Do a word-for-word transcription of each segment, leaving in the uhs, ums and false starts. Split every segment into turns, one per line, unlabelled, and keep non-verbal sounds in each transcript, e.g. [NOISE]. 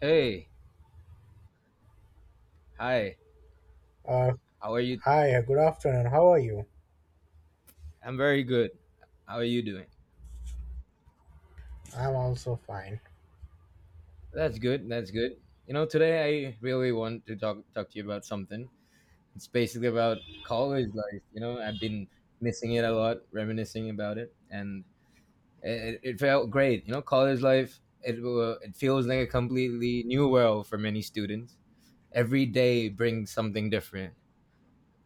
Hey, hi.
Uh,
How are you?
Hi, uh, good afternoon. How are you?
I'm very good. How are you doing?
I'm also fine.
That's good. That's good. You know, today I really want to talk talk to you about something. It's basically about college life. You know, I've been missing it a lot, reminiscing about it, and it, it felt great. You know, college life. It wa- it feels like a completely new world for many students. Every day brings something different,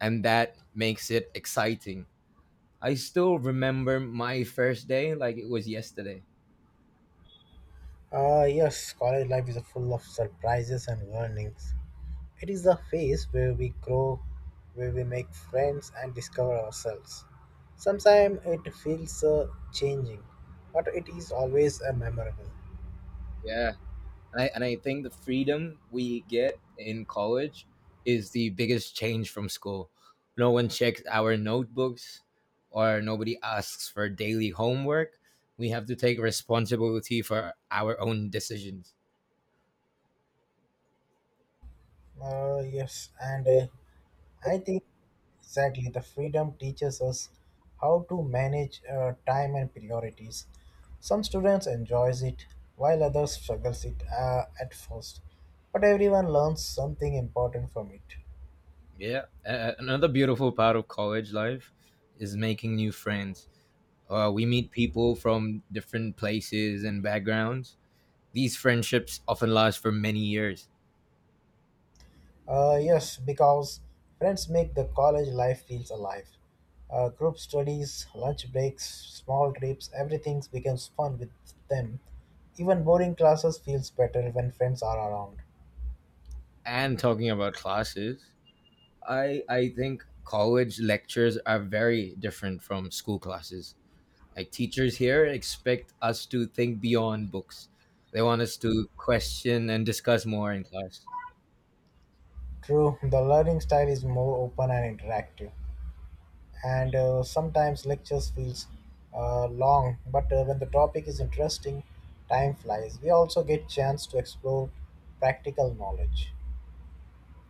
and that makes it exciting. I still remember my first day like it was yesterday.
Uh, yes, college life is full of surprises and learnings. It is the phase where we grow, where we make friends and discover ourselves. Sometimes it feels uh, changing, but it is always uh, memorable.
Yeah. And I, and I think the freedom we get in college is the biggest change from school. No one checks our notebooks or nobody asks for daily homework. We have to take responsibility for our own decisions.
Uh, yes, and uh, I think Exactly, the freedom teaches us how to manage uh, time and priorities. Some students enjoys it, while others struggles it uh, at first. But everyone learns something important from it.
Yeah. Uh, another beautiful part of college life is making new friends. Uh, we meet people from different places and backgrounds. These friendships often last for many years.
Uh, yes, because friends make the college life feels alive. Uh, group studies, lunch breaks, small trips, everything becomes fun with them. Even boring classes feels better when friends are around.
And talking about classes, I I think college lectures are very different from school classes. Like teachers here expect us to think beyond books. They want us to question and discuss more in class.
True, the learning style is more open and interactive. and uh, sometimes lectures feels uh, long but uh, when the topic is interesting time flies. We also get chance to explore practical knowledge.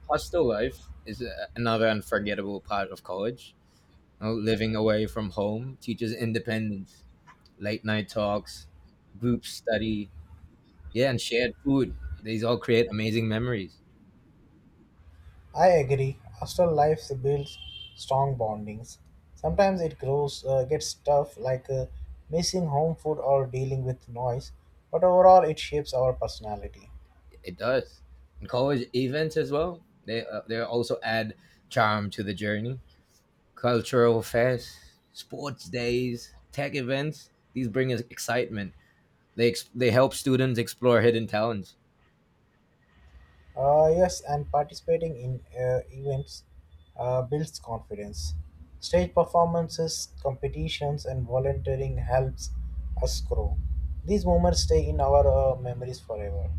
Hostel life is a- another unforgettable part of college. You know, living away from home teaches independence, late night talks, group study, yeah, and shared food. These all create amazing memories.
I agree, hostel life builds strong bondings. Sometimes it grows uh, gets tough, like uh, missing home food or dealing with noise, but overall it shapes our personality.
It does. And college events as well. They uh, they also add charm to the journey. Cultural fests, sports days, tech events. These bring us excitement. They ex- they help students explore hidden talents.
Uh, yes, and participating in uh, events uh, builds confidence. Stage performances, competitions, and volunteering helps us grow. These moments stay in our uh, memories forever.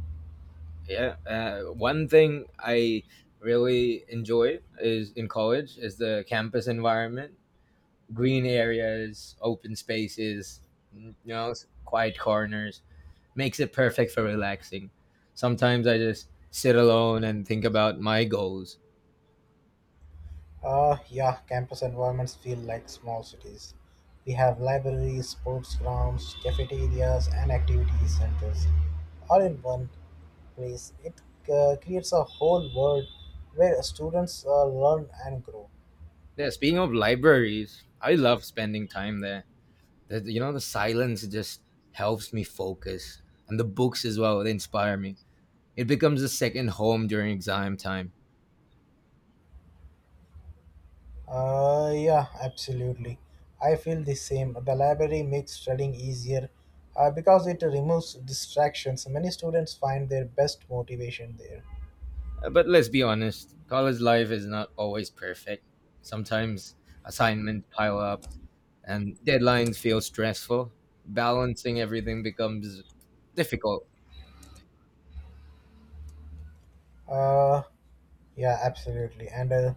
Yeah. Uh, one thing I really enjoy is in college is the campus environment, green areas, open spaces, you know, quiet corners makes it perfect for relaxing. Sometimes I just sit alone and think about my goals.
Uh, yeah, campus environments feel like small cities. We have libraries, sports grounds, cafeterias, and activity centers all in one place. It uh, creates a whole world where students uh, learn and grow.
Yeah, speaking of libraries, I love spending time there. The, you know, the silence just helps me focus, and the books as well, they inspire me. It becomes a second home during exam time.
Uh, yeah, absolutely. I feel the same. The library makes studying easier uh, because it removes distractions. Many students find their best motivation there.
Uh, But let's be honest, college life is not always perfect. Sometimes assignments pile up and deadlines feel stressful. Balancing everything becomes difficult.
Uh, yeah, absolutely. And uh,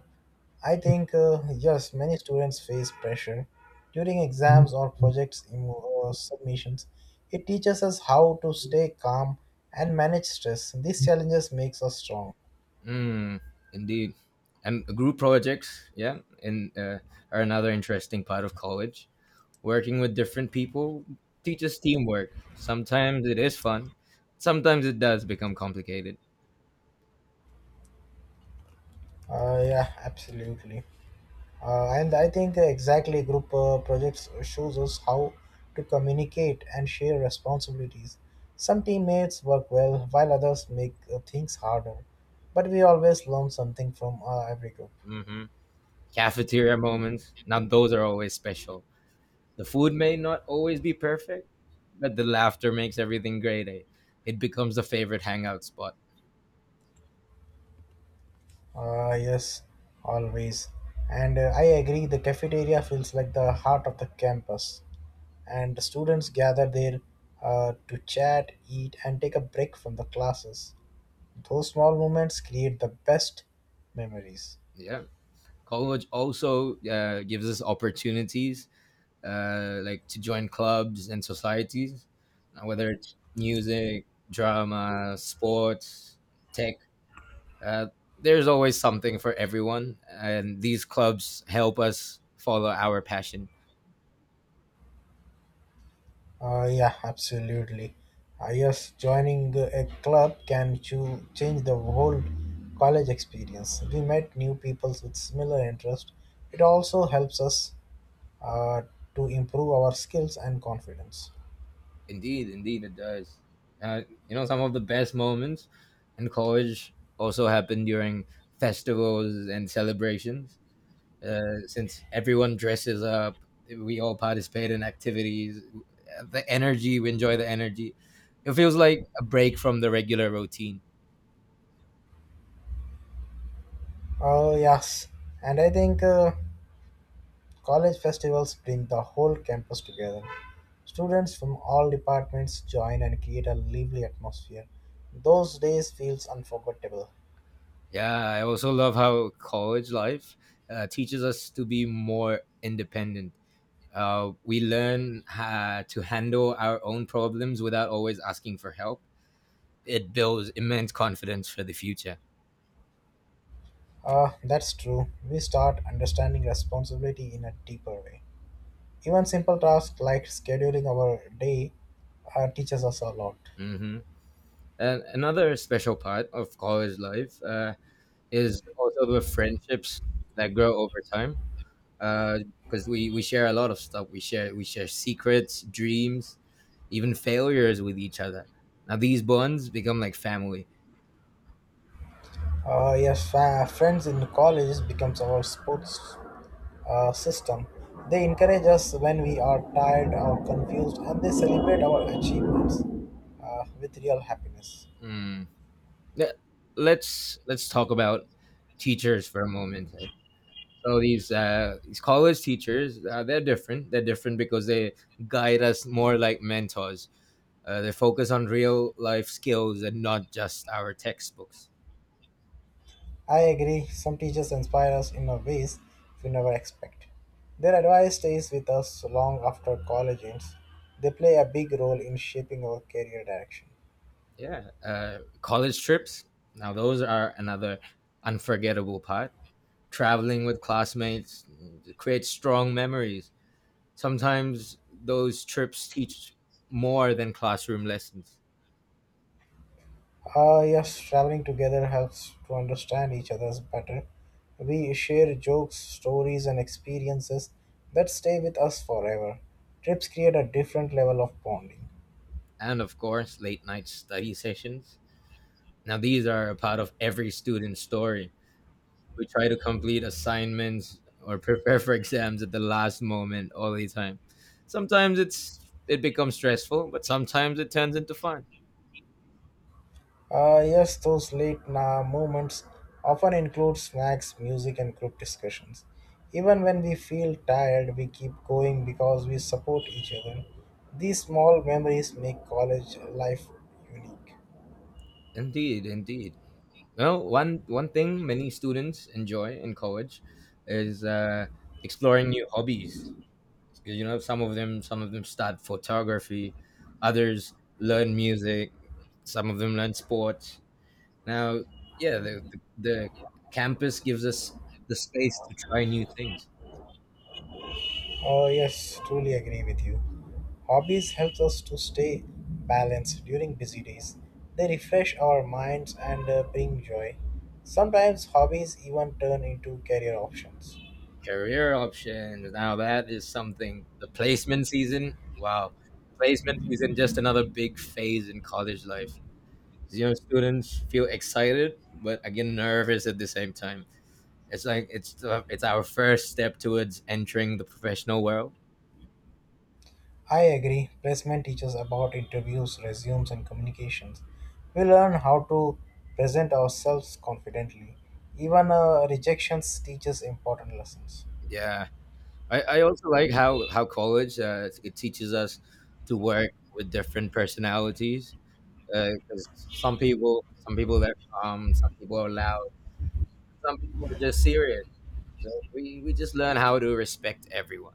I think, uh, yes, many students face pressure during exams or projects emo- uh, submissions. It teaches us how to stay calm and manage stress. These challenges makes us strong.
Mm, indeed. And group projects, yeah, and uh, are another interesting part of college. Working with different people teaches teamwork. Sometimes it is fun. Sometimes it does become complicated.
Uh, yeah, absolutely. Uh, and I think exactly group uh, projects shows us how to communicate and share responsibilities. Some teammates work well while others make uh, things harder, but we always learn something from uh, every group.
hmm Cafeteria moments. Now those are always special. The food may not always be perfect, but the laughter makes everything great. Eh? It becomes the favorite hangout spot.
Uh, yes, always. And uh, I agree, the cafeteria feels like the heart of the campus, and the students gather there uh, to chat, eat, and take a break from the classes. Those small moments create the best memories.
Yeah. College also uh, gives us opportunities uh, like to join clubs and societies, uh, whether it's music, drama, sports, tech. Uh, there's always something for everyone, and these clubs help us follow our passion.
Uh, yeah, absolutely. Uh, yes, joining a club can cho- change the whole college experience. We met new people with similar interests. It also helps us uh, to improve our skills and confidence.
Indeed, indeed, it does. Uh, you know, some of the best moments in college also happen during festivals and celebrations uh, since everyone dresses up, we all participate in activities. The energy, we enjoy the energy. It feels like a break from the regular routine.
Oh, yes. And I think uh, College festivals bring the whole campus together. Students from all departments join and create a lively atmosphere. Those days feels unforgettable.
Yeah, I also love how college life uh, teaches us to be more independent. Uh, we learn uh, to handle our own problems without always asking for help. It builds immense confidence for the future.
Ah, that's true. We start understanding responsibility in a deeper way. Even simple tasks like scheduling our day uh, teaches us a lot.
hmm And another special part of college life uh, is also the friendships that grow over time. Because we, we share a lot of stuff. We share we share secrets, dreams, even failures with each other. Now these bonds become like family.
Uh, yes, fa- friends in college becomes our sports uh, system. They encourage us when we are tired or confused, and they celebrate our achievements uh, with real happiness.
Mm. Le- Let's let's talk about teachers for a moment. So these uh, these college teachers, uh, they're different. They're different because they guide us more like mentors. Uh, they focus on real life skills and not just our textbooks.
I agree, some teachers inspire us in a ways we never expect. Their advice stays with us long after college ends. They play a big role in shaping our career direction.
Yeah, uh, college trips. Now those are another unforgettable part. Traveling with classmates creates strong memories. Sometimes those trips teach more than classroom lessons.
Ah, yes, traveling together helps to understand each other's better. We share jokes, stories, and experiences that stay with us forever. Trips create a different level of bonding.
And of course, late night study sessions. Now, these are a part of every student's story. We try to complete assignments or prepare for exams at the last moment all the time. Sometimes it's it becomes stressful, but sometimes it turns into fun.
Uh, yes, those late na- moments often include snacks, music, and group discussions. Even when we feel tired, we keep going because we support each other. These small memories make college life unique.
Indeed, indeed. Well, one one thing many students enjoy in college is uh, exploring new hobbies. 'Cause, you know, some of them some of them start photography, others learn music, some of them learn sports. Now, yeah, the the, the campus gives us the space to try new things.
Oh, yes, truly agree with you. Hobbies help us to stay balanced during busy days. They refresh our minds and uh, bring joy. Sometimes hobbies even turn into career options.
Career options. Now that is something. The placement season, wow, placement season, just another big phase in college life. You know, students feel excited but again nervous at the same time. It's like it's uh, it's our first step towards entering the professional world.
I agree. Placement teaches about interviews, resumes, and communications. We learn how to present ourselves confidently. Even uh, rejections teaches important lessons.
Yeah, I, I also like how how college uh, it teaches us to work with different personalities because some people some people they're calm, some people are loud, some people are just serious. So we, we just learn how to respect everyone.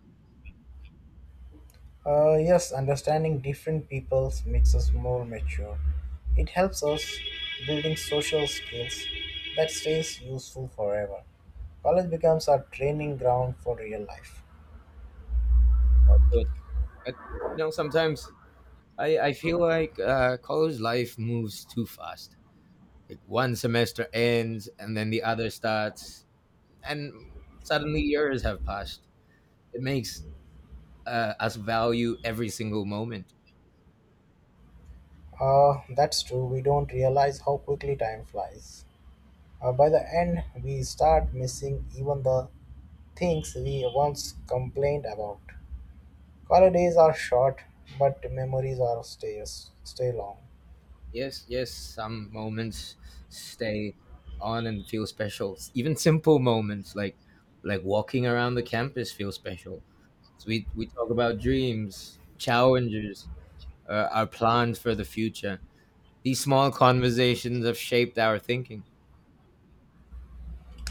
Uh, yes, understanding different peoples makes us more mature. It helps us building social skills that stays useful forever. College becomes our training ground for real life.
Uh, But, but you know, sometimes I, I feel like uh, college life moves too fast. Like one semester ends and then the other starts, and suddenly years have passed. It makes uh, us value every single moment.
Uh, that's true. We don't realize how quickly time flies. Uh, by the end, we start missing even the things we once complained about. Holidays are short, but memories are stay, stay long.
Yes, yes, some moments stay on and feel special. Even simple moments like like walking around the campus feel special. So we we talk about dreams, challenges, uh, our plans for the future. These small conversations have shaped our thinking.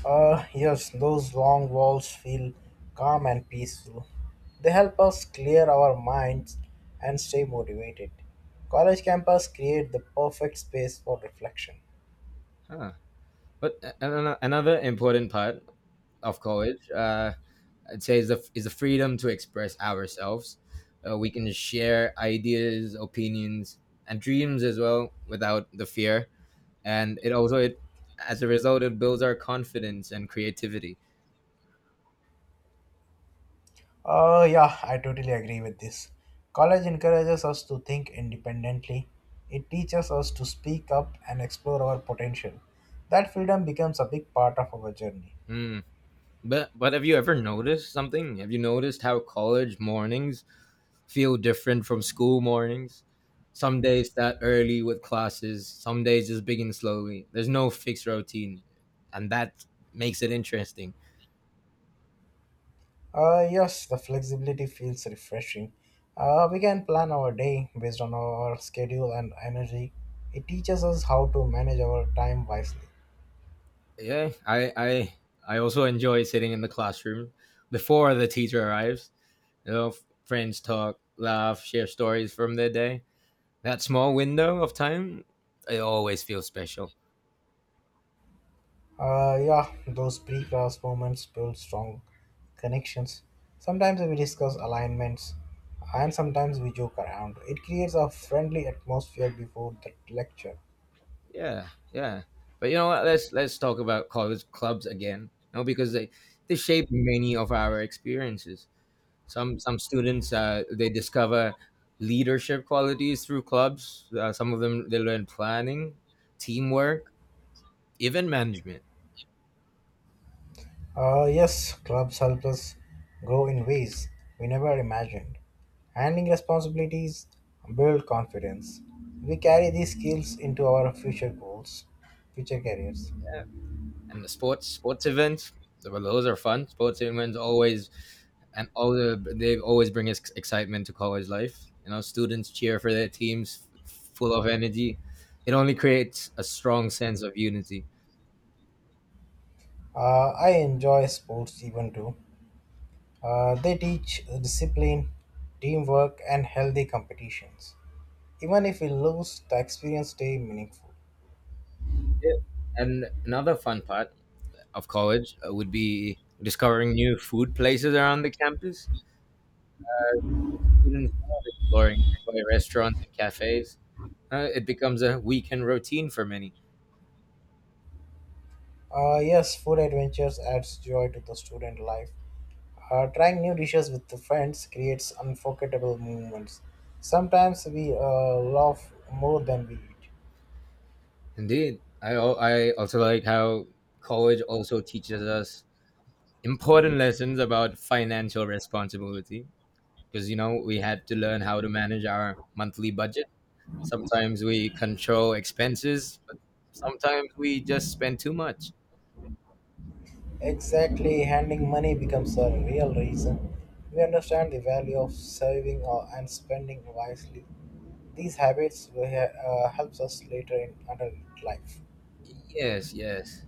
Uh, yes, those long walls feel calm and peaceful. They help us clear our minds and stay motivated. College campus create the perfect space for reflection.
Huh. But a- a- ano- another important part of college uh, I'd say is the is the freedom to express ourselves. Uh, we can share ideas, opinions, and dreams as well without the fear. And it also it as a result it builds our confidence and creativity.
Uh, yeah, I totally agree with this. College encourages us to think independently. It teaches us to speak up and explore our potential. That freedom becomes a big part of our journey.
Hmm. But but have you ever noticed something? Have you noticed how college mornings feel different from school mornings? Some days start early with classes. Some days just begin slowly. There's no fixed routine, and that makes it interesting.
Uh, yes, the flexibility feels refreshing. Uh, we can plan our day based on our schedule and energy. It teaches us how to manage our time wisely.
Yeah. I i i also enjoy sitting in the classroom before the teacher arrives. You know, f- friends talk, laugh, share stories from their day. That small window of time, it always feels special.
Uh, yeah, those pre-class moments build strong connections. Sometimes we discuss alignments, and sometimes we joke around. It creates a friendly atmosphere before the lecture.
Yeah, yeah. But you know what, let's let's talk about college clubs again. You know, because they they shape many of our experiences. Some some students uh, they discover leadership qualities through clubs. Uh, some of them they learn planning, teamwork, even management.
Uh, yes, clubs help us grow in ways we never imagined. Handling responsibilities build confidence. We carry these skills into our future goals, future careers.
And the sports sports events. Well, those are fun. Sports events always and all the they always bring ex- excitement to college life. You know, students cheer for their teams, f- full of energy. It only creates a strong sense of unity.
Uh, I enjoy sports even too. Uh, they teach discipline, teamwork, and healthy competitions. Even if we lose, the experience stay meaningful.
Yeah. And another fun part of college uh, would be discovering new food places around the campus. The students love exploring nearby restaurants and cafes. Uh, it becomes a weekend routine for many.
Uh, yes, food adventures adds joy to the student life. Uh, trying new dishes with the friends creates unforgettable moments. Sometimes we uh, laugh more than we eat.
Indeed, I al- I also like how college also teaches us important lessons about financial responsibility because you know we had to learn how to manage our monthly budget. Sometimes we control expenses, but sometimes we just spend too much.
Exactly, handling money becomes a real reason. We understand the value of saving uh, and spending wisely. These habits will, he- uh, helps us later in adult life.
Yes, yes.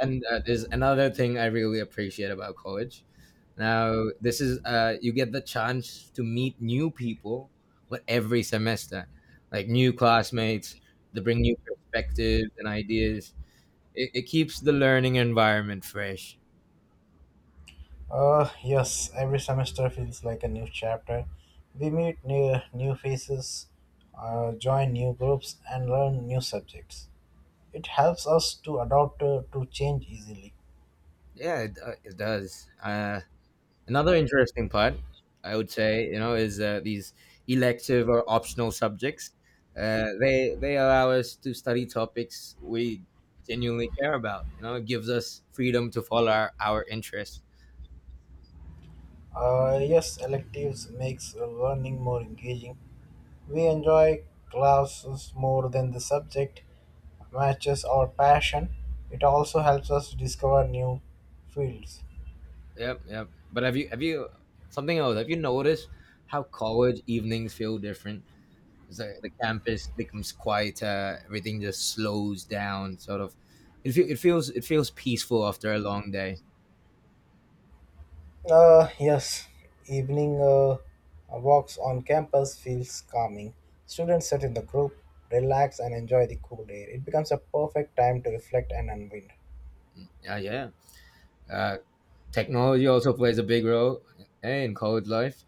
and uh, there's another thing I really appreciate about college. Now, this is uh, you get the chance to meet new people, with every semester, like new classmates, they bring new perspectives and ideas. It, it keeps the learning environment fresh.
Uh, yes, every semester feels like a new chapter. We meet new, new faces, uh, join new groups, and learn new subjects. It helps us to adapt uh, to change easily.
Yeah, it, uh, it does. Uh, Another interesting part, I would say, you know, is uh, these elective or optional subjects. Uh, they they allow us to study topics we genuinely care about. You know, it gives us freedom to follow our, our interests.
Uh, yes, electives makes uh, learning more engaging. We enjoy classes more than the subject matches our passion. It also helps us discover new fields.
Yep, yep. But have you have you something else? Have you noticed how college evenings feel different? It's like the campus becomes quieter. Everything just slows down. Sort of, it, feel, it feels it feels peaceful after a long day.
Uh, yes, evening uh, walks on campus feels calming. Students sit in the group, relax, and enjoy the cool air. It becomes a perfect time to reflect and unwind.
Yeah, yeah. Uh, Technology also plays a big role eh, in college life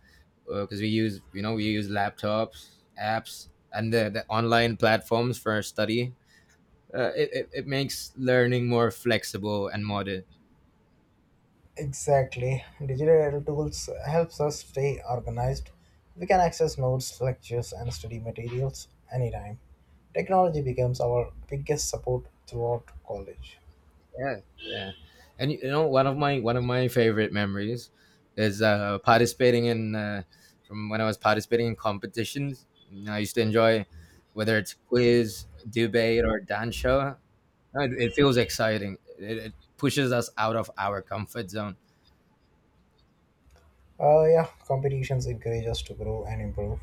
because we use, you know, we use laptops, apps, and the, the online platforms for our study. Uh, it, it, it makes learning more flexible and modern.
Exactly. Digital tools helps us stay organized. We can access notes, lectures, and study materials anytime. Technology becomes our biggest support throughout college.
Yeah, yeah. And you you know, one of my one of my favorite memories is uh, participating in uh, from when I was participating in competitions. You know, I used to enjoy whether it's quiz, debate, or dance show. No, It, it feels exciting. It, it pushes us out of our comfort zone.
Uh, yeah, competitions encourage us to grow and improve.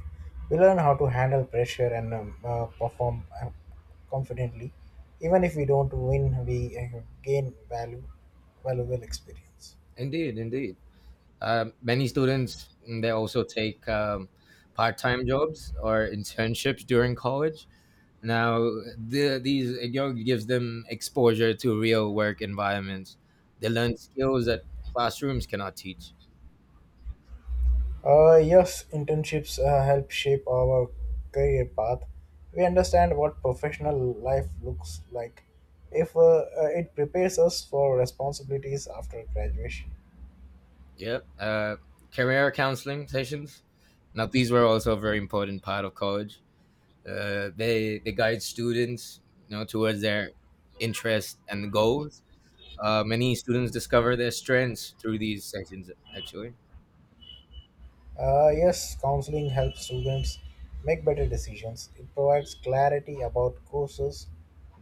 We learn how to handle pressure and um, uh, perform uh, confidently. Even if we don't win, we uh, gain value, valuable experience.
Indeed, indeed. Uh, many students mm, they also take um, part-time jobs or internships during college. Now, the, these you know, gives them exposure to real work environments. They learn skills that classrooms cannot teach.
Uh, yes, internships uh, help shape our career path. We understand what professional life looks like. If uh, uh, It prepares us for responsibilities after graduation.
Yeah, uh, career counseling sessions. Now, these were also a very important part of college. Uh, they they guide students, you know, towards their interests and goals. Uh, many students discover their strengths through these sessions. Actually,
Uh, yes, counseling helps students make better decisions. It provides clarity about courses,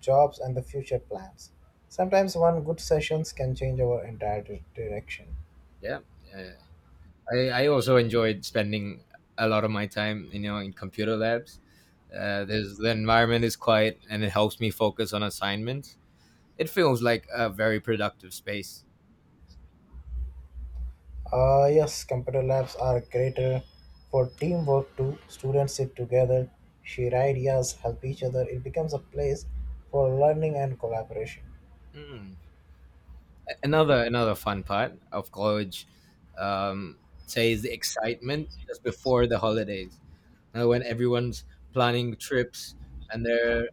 jobs, and the future plans. Sometimes one good sessions can change our entire di- direction.
yeah, yeah. I, I also enjoyed spending a lot of my time, you know, in computer labs. Uh, there's the environment is quiet and it helps me focus on assignments. It feels like a very productive space.
Uh, yes, computer labs are greater for teamwork too. Students sit together, share ideas, help each other. It becomes a place for learning and collaboration.
Mm. A- Another another fun part of college, um, say, is the excitement just before the holidays. Now, when everyone's planning trips and they're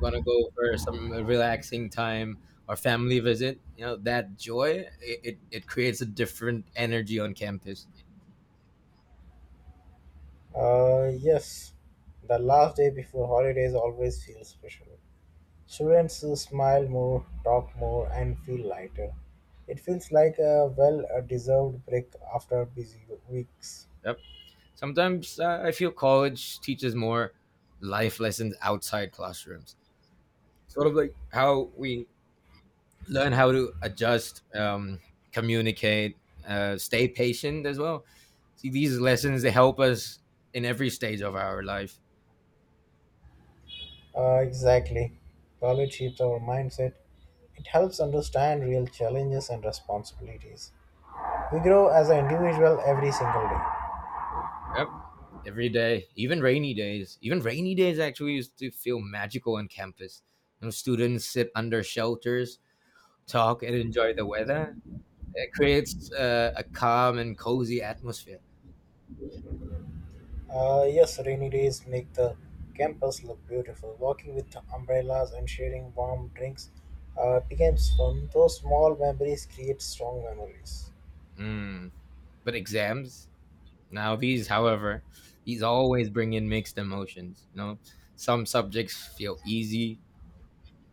gonna go for some relaxing time or family visit, you know, that joy it, it, it creates a different energy on campus.
Uh, yes, the last day before holidays always feels special. Students smile more, talk more, and feel lighter. It feels like a well deserved break after busy weeks.
Yep. Sometimes uh, I feel college teaches more life lessons outside classrooms, sort of like how we learn how to adjust, um, communicate, uh, stay patient as well. See, these lessons they help us in every stage of our life.
Uh, exactly. College shapes our mindset. It helps understand real challenges and responsibilities. We grow as an individual every single day.
Yep. Every day, even rainy days. Even rainy days actually used to feel magical on campus. You know, students sit under shelters, talk, and enjoy the weather. It creates uh, a calm and cozy atmosphere.
Uh, yes, rainy days make the campus look beautiful. Walking with umbrellas and sharing warm drinks uh, becomes fun. Those small memories create strong memories.
Mm. But exams, now these, however, these always bring in mixed emotions. You know, some subjects feel easy,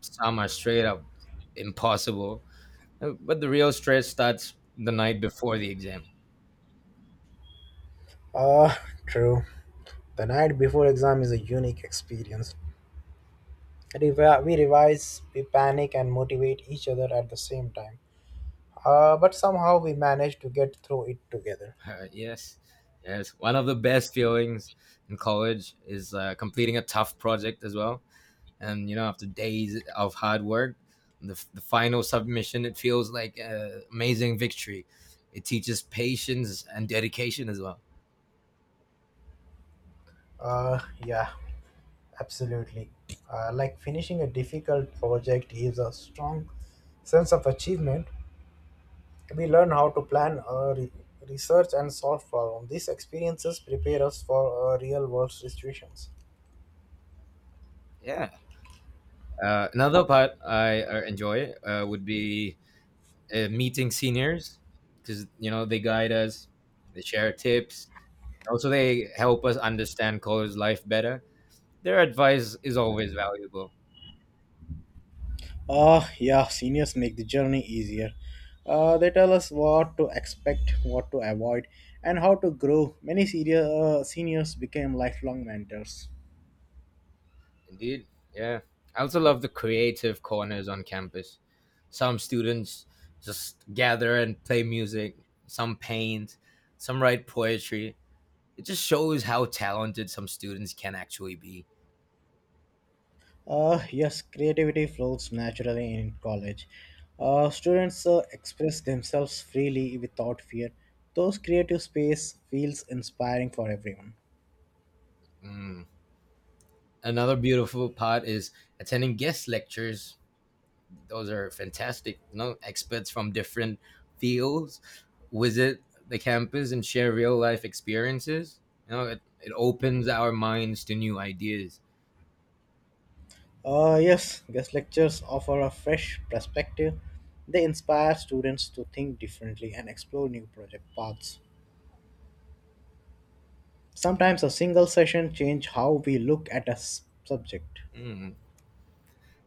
some are straight up impossible. Uh, But the real stress starts the night before the exam.
Uh, [LAUGHS] True. The night before exam is a unique experience. Revi- We revise, we panic, and motivate each other at the same time. Uh, but somehow we manage to get through it together.
Uh, yes, yes. One of the best feelings in college is uh, completing a tough project as well. And you know, after days of hard work, the, f- the final submission, it feels like an amazing victory. It teaches patience and dedication as well.
Uh, yeah, absolutely. Uh, like finishing a difficult project gives a strong sense of achievement. We learn how to plan, uh, re- research, and solve problems. These experiences prepare us for uh, real world situations.
Yeah. Uh, another part I uh, enjoy uh, would be uh, meeting seniors because you know they guide us, they share tips, also they help us understand college life better. Their advice is always valuable.
Ah, yeah, seniors make the journey easier. Uh, they tell us what to expect, what to avoid, and how to grow. Many senior, uh, seniors became lifelong mentors.
Indeed. Yeah. I also love the creative corners on campus. Some students just gather and play music, some paint, some write poetry. It just shows how talented some students can actually be.
Uh, yes, creativity flows naturally in college. Uh, students uh, express themselves freely without fear. Those creative space feels inspiring for everyone.
Mm. Another beautiful part is attending guest lectures. Those are fantastic. You know, experts from different fields visit the campus and share real life experiences. You know, it, it opens our minds to new ideas.
Uh, yes, guest lectures offer a fresh perspective. They inspire students to think differently and explore new project paths. Sometimes a single session change how we look at a s- subject.
Mm.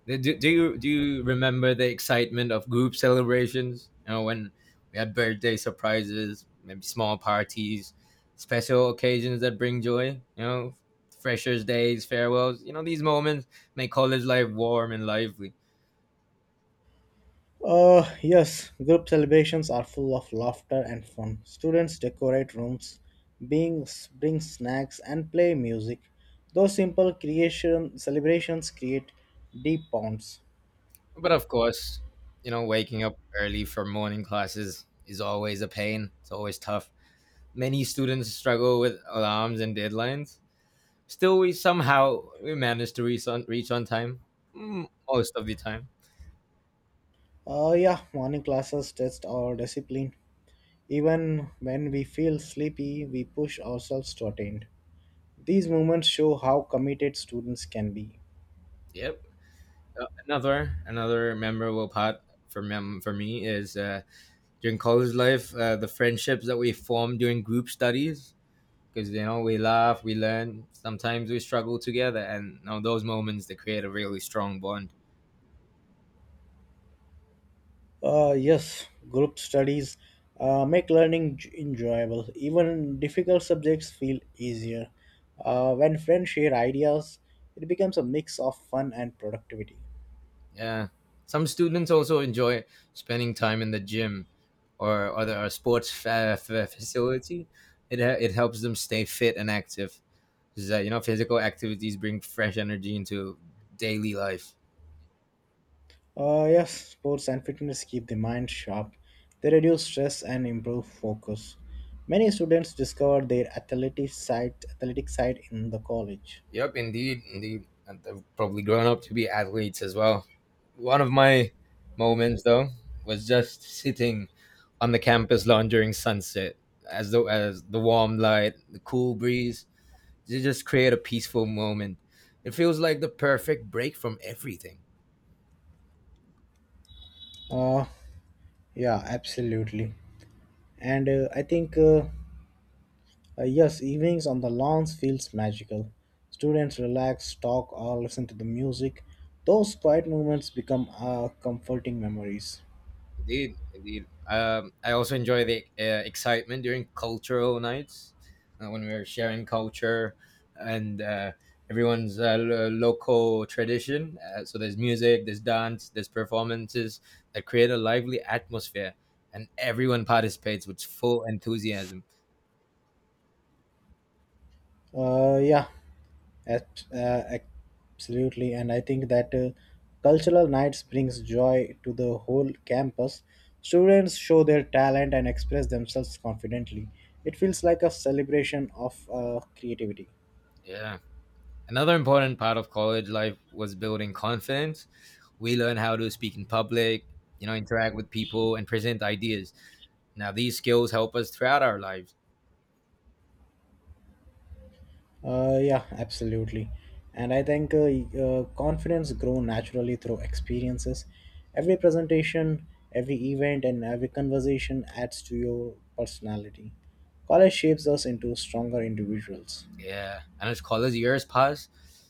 Do, do you do you remember the excitement of group celebrations? You know, when we had birthday surprises, maybe small parties, special occasions that bring joy. You know, freshers' days, farewells. You know, these moments make college life warm and lively.
Uh, yes, group celebrations are full of laughter and fun. Students decorate rooms, being, bring snacks, and play music. Those simple creation celebrations create deep bonds.
But of course, you know, waking up early for morning classes is always a pain. It's always tough. Many students struggle with alarms and deadlines. Still, we somehow we manage to reach on reach on time, mm, most of the time.
Uh, yeah, morning classes test our discipline. Even when we feel sleepy, we push ourselves to attend. These moments show how committed students can be.
Yep. Uh, another another memorable part for mem- for me is uh, during college life, uh, the friendships that we formed during group studies. Because you know we laugh, we learn. Sometimes we struggle together, and you know, those moments they create a really strong bond.
Uh, yes, group studies uh, make learning j- enjoyable. Even difficult subjects feel easier. Uh, when friends share ideas, it becomes a mix of fun and productivity.
Yeah. Some students also enjoy spending time in the gym or or the or sports fa- fa- facility. It uh, it helps them stay fit and active. 'Cause, uh, you know, physical activities bring fresh energy into daily life.
Uh, yes, sports and fitness keep the mind sharp. They reduce stress and improve focus. Many students discover their athletic side, athletic side in the college.
Yep, indeed, indeed. And they've probably grown up to be athletes as well. One of my moments, though, was just sitting on the campus lawn during sunset, as though as the warm light, the cool breeze, you just create a peaceful moment. It feels like the perfect break from everything.
Uh, yeah, absolutely. And uh, I think uh, Uh, yes, evenings on the lawns feels magical. Students relax, talk, or listen to the music. Those quiet moments become uh, comforting memories.
Indeed, indeed. Um, I also enjoy the uh, excitement during cultural nights uh, when we're sharing culture and uh, everyone's uh, lo- local tradition. Uh, so there's music, there's dance, there's performances that create a lively atmosphere, and everyone participates with full enthusiasm.
Uh, yeah, ab- uh, Absolutely. And I think that uh, Cultural nights brings joy to the whole campus. Students show their talent and express themselves confidently. It feels like a celebration of uh, creativity.
Yeah. Another important part of college life was building confidence. We learn how to speak in public, you know, interact with people, and present ideas. Now, these skills help us throughout our lives.
Uh, yeah, absolutely. And I think uh, y- uh, Confidence grow naturally through experiences. Every presentation, every event, and every conversation adds to your personality. College shapes us into stronger individuals.
Yeah. And as college years pass,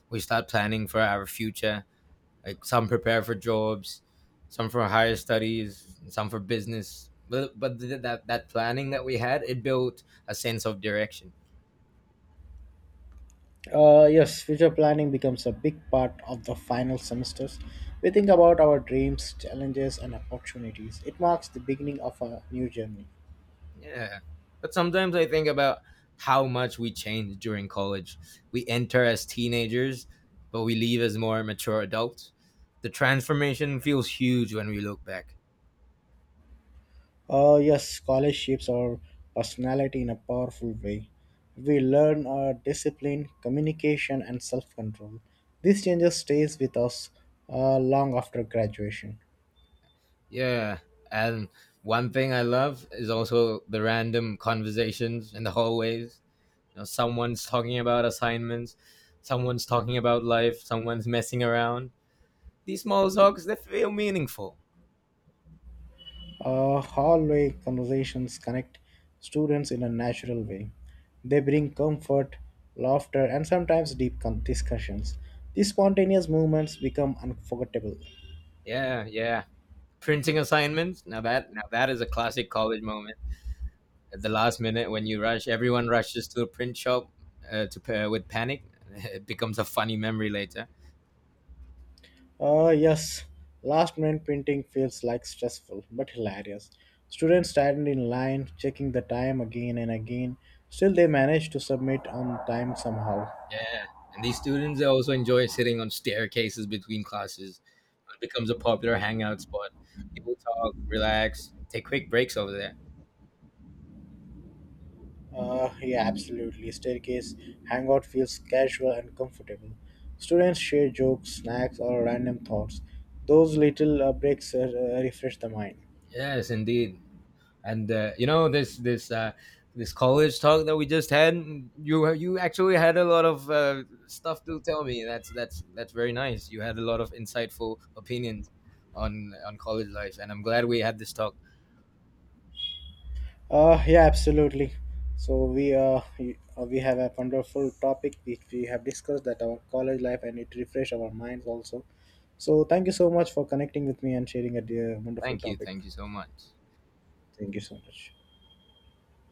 we start planning for our future. Like some prepare for jobs, some for higher studies, and some for business. But but th- that that planning that we had, it built a sense of direction.
Uh, yes, future planning becomes a big part of the final semesters. We think about our dreams, challenges, and opportunities. It marks the beginning of a new journey.
Yeah. But sometimes I think about how much we change during college. We enter as teenagers, but we leave as more mature adults. The transformation feels huge when we look back.
Uh, yes, college shapes our personality in a powerful way. We learn our discipline, communication, and self control. These changes stays with us uh, long after graduation.
Yeah. And one thing I love is also the random conversations in the hallways. You know, someone's talking about assignments, someone's talking about life, someone's messing around. These small talks they feel meaningful.
Uh, hallway conversations connect students in a natural way. They bring comfort, laughter, and sometimes deep con- discussions. These spontaneous movements become unforgettable.
Yeah, yeah. Printing assignments. Now that now that is a classic college moment. At the last minute when you rush, everyone rushes to a print shop uh, to pair with panic. [LAUGHS] It becomes a funny memory later.
Uh, yes, last minute printing feels like stressful but hilarious. Students stand in line, checking the time again and again. Still, they manage to submit on time somehow.
Yeah, and these students they also enjoy sitting on staircases between classes. It becomes a popular hangout spot. People talk, relax, take quick breaks over there.
Uh, yeah, absolutely. Staircase hangout feels casual and comfortable. Students share jokes, snacks, or random thoughts. Those little uh, breaks uh, refresh the mind.
Yes, indeed. And uh, you know this this uh, this college talk that we just had. You you actually had a lot of uh, stuff to tell me. That's that's that's very nice. You had a lot of insightful opinions on on college life, and I'm glad we had this talk.
Uh, yeah, absolutely. So we uh, y- uh, we have a wonderful topic which we have discussed that our college life, and it refresh our minds also. So thank you so much for connecting with me and sharing a dear, wonderful
Thank you,
topic.
thank you so much.
Thank you so much.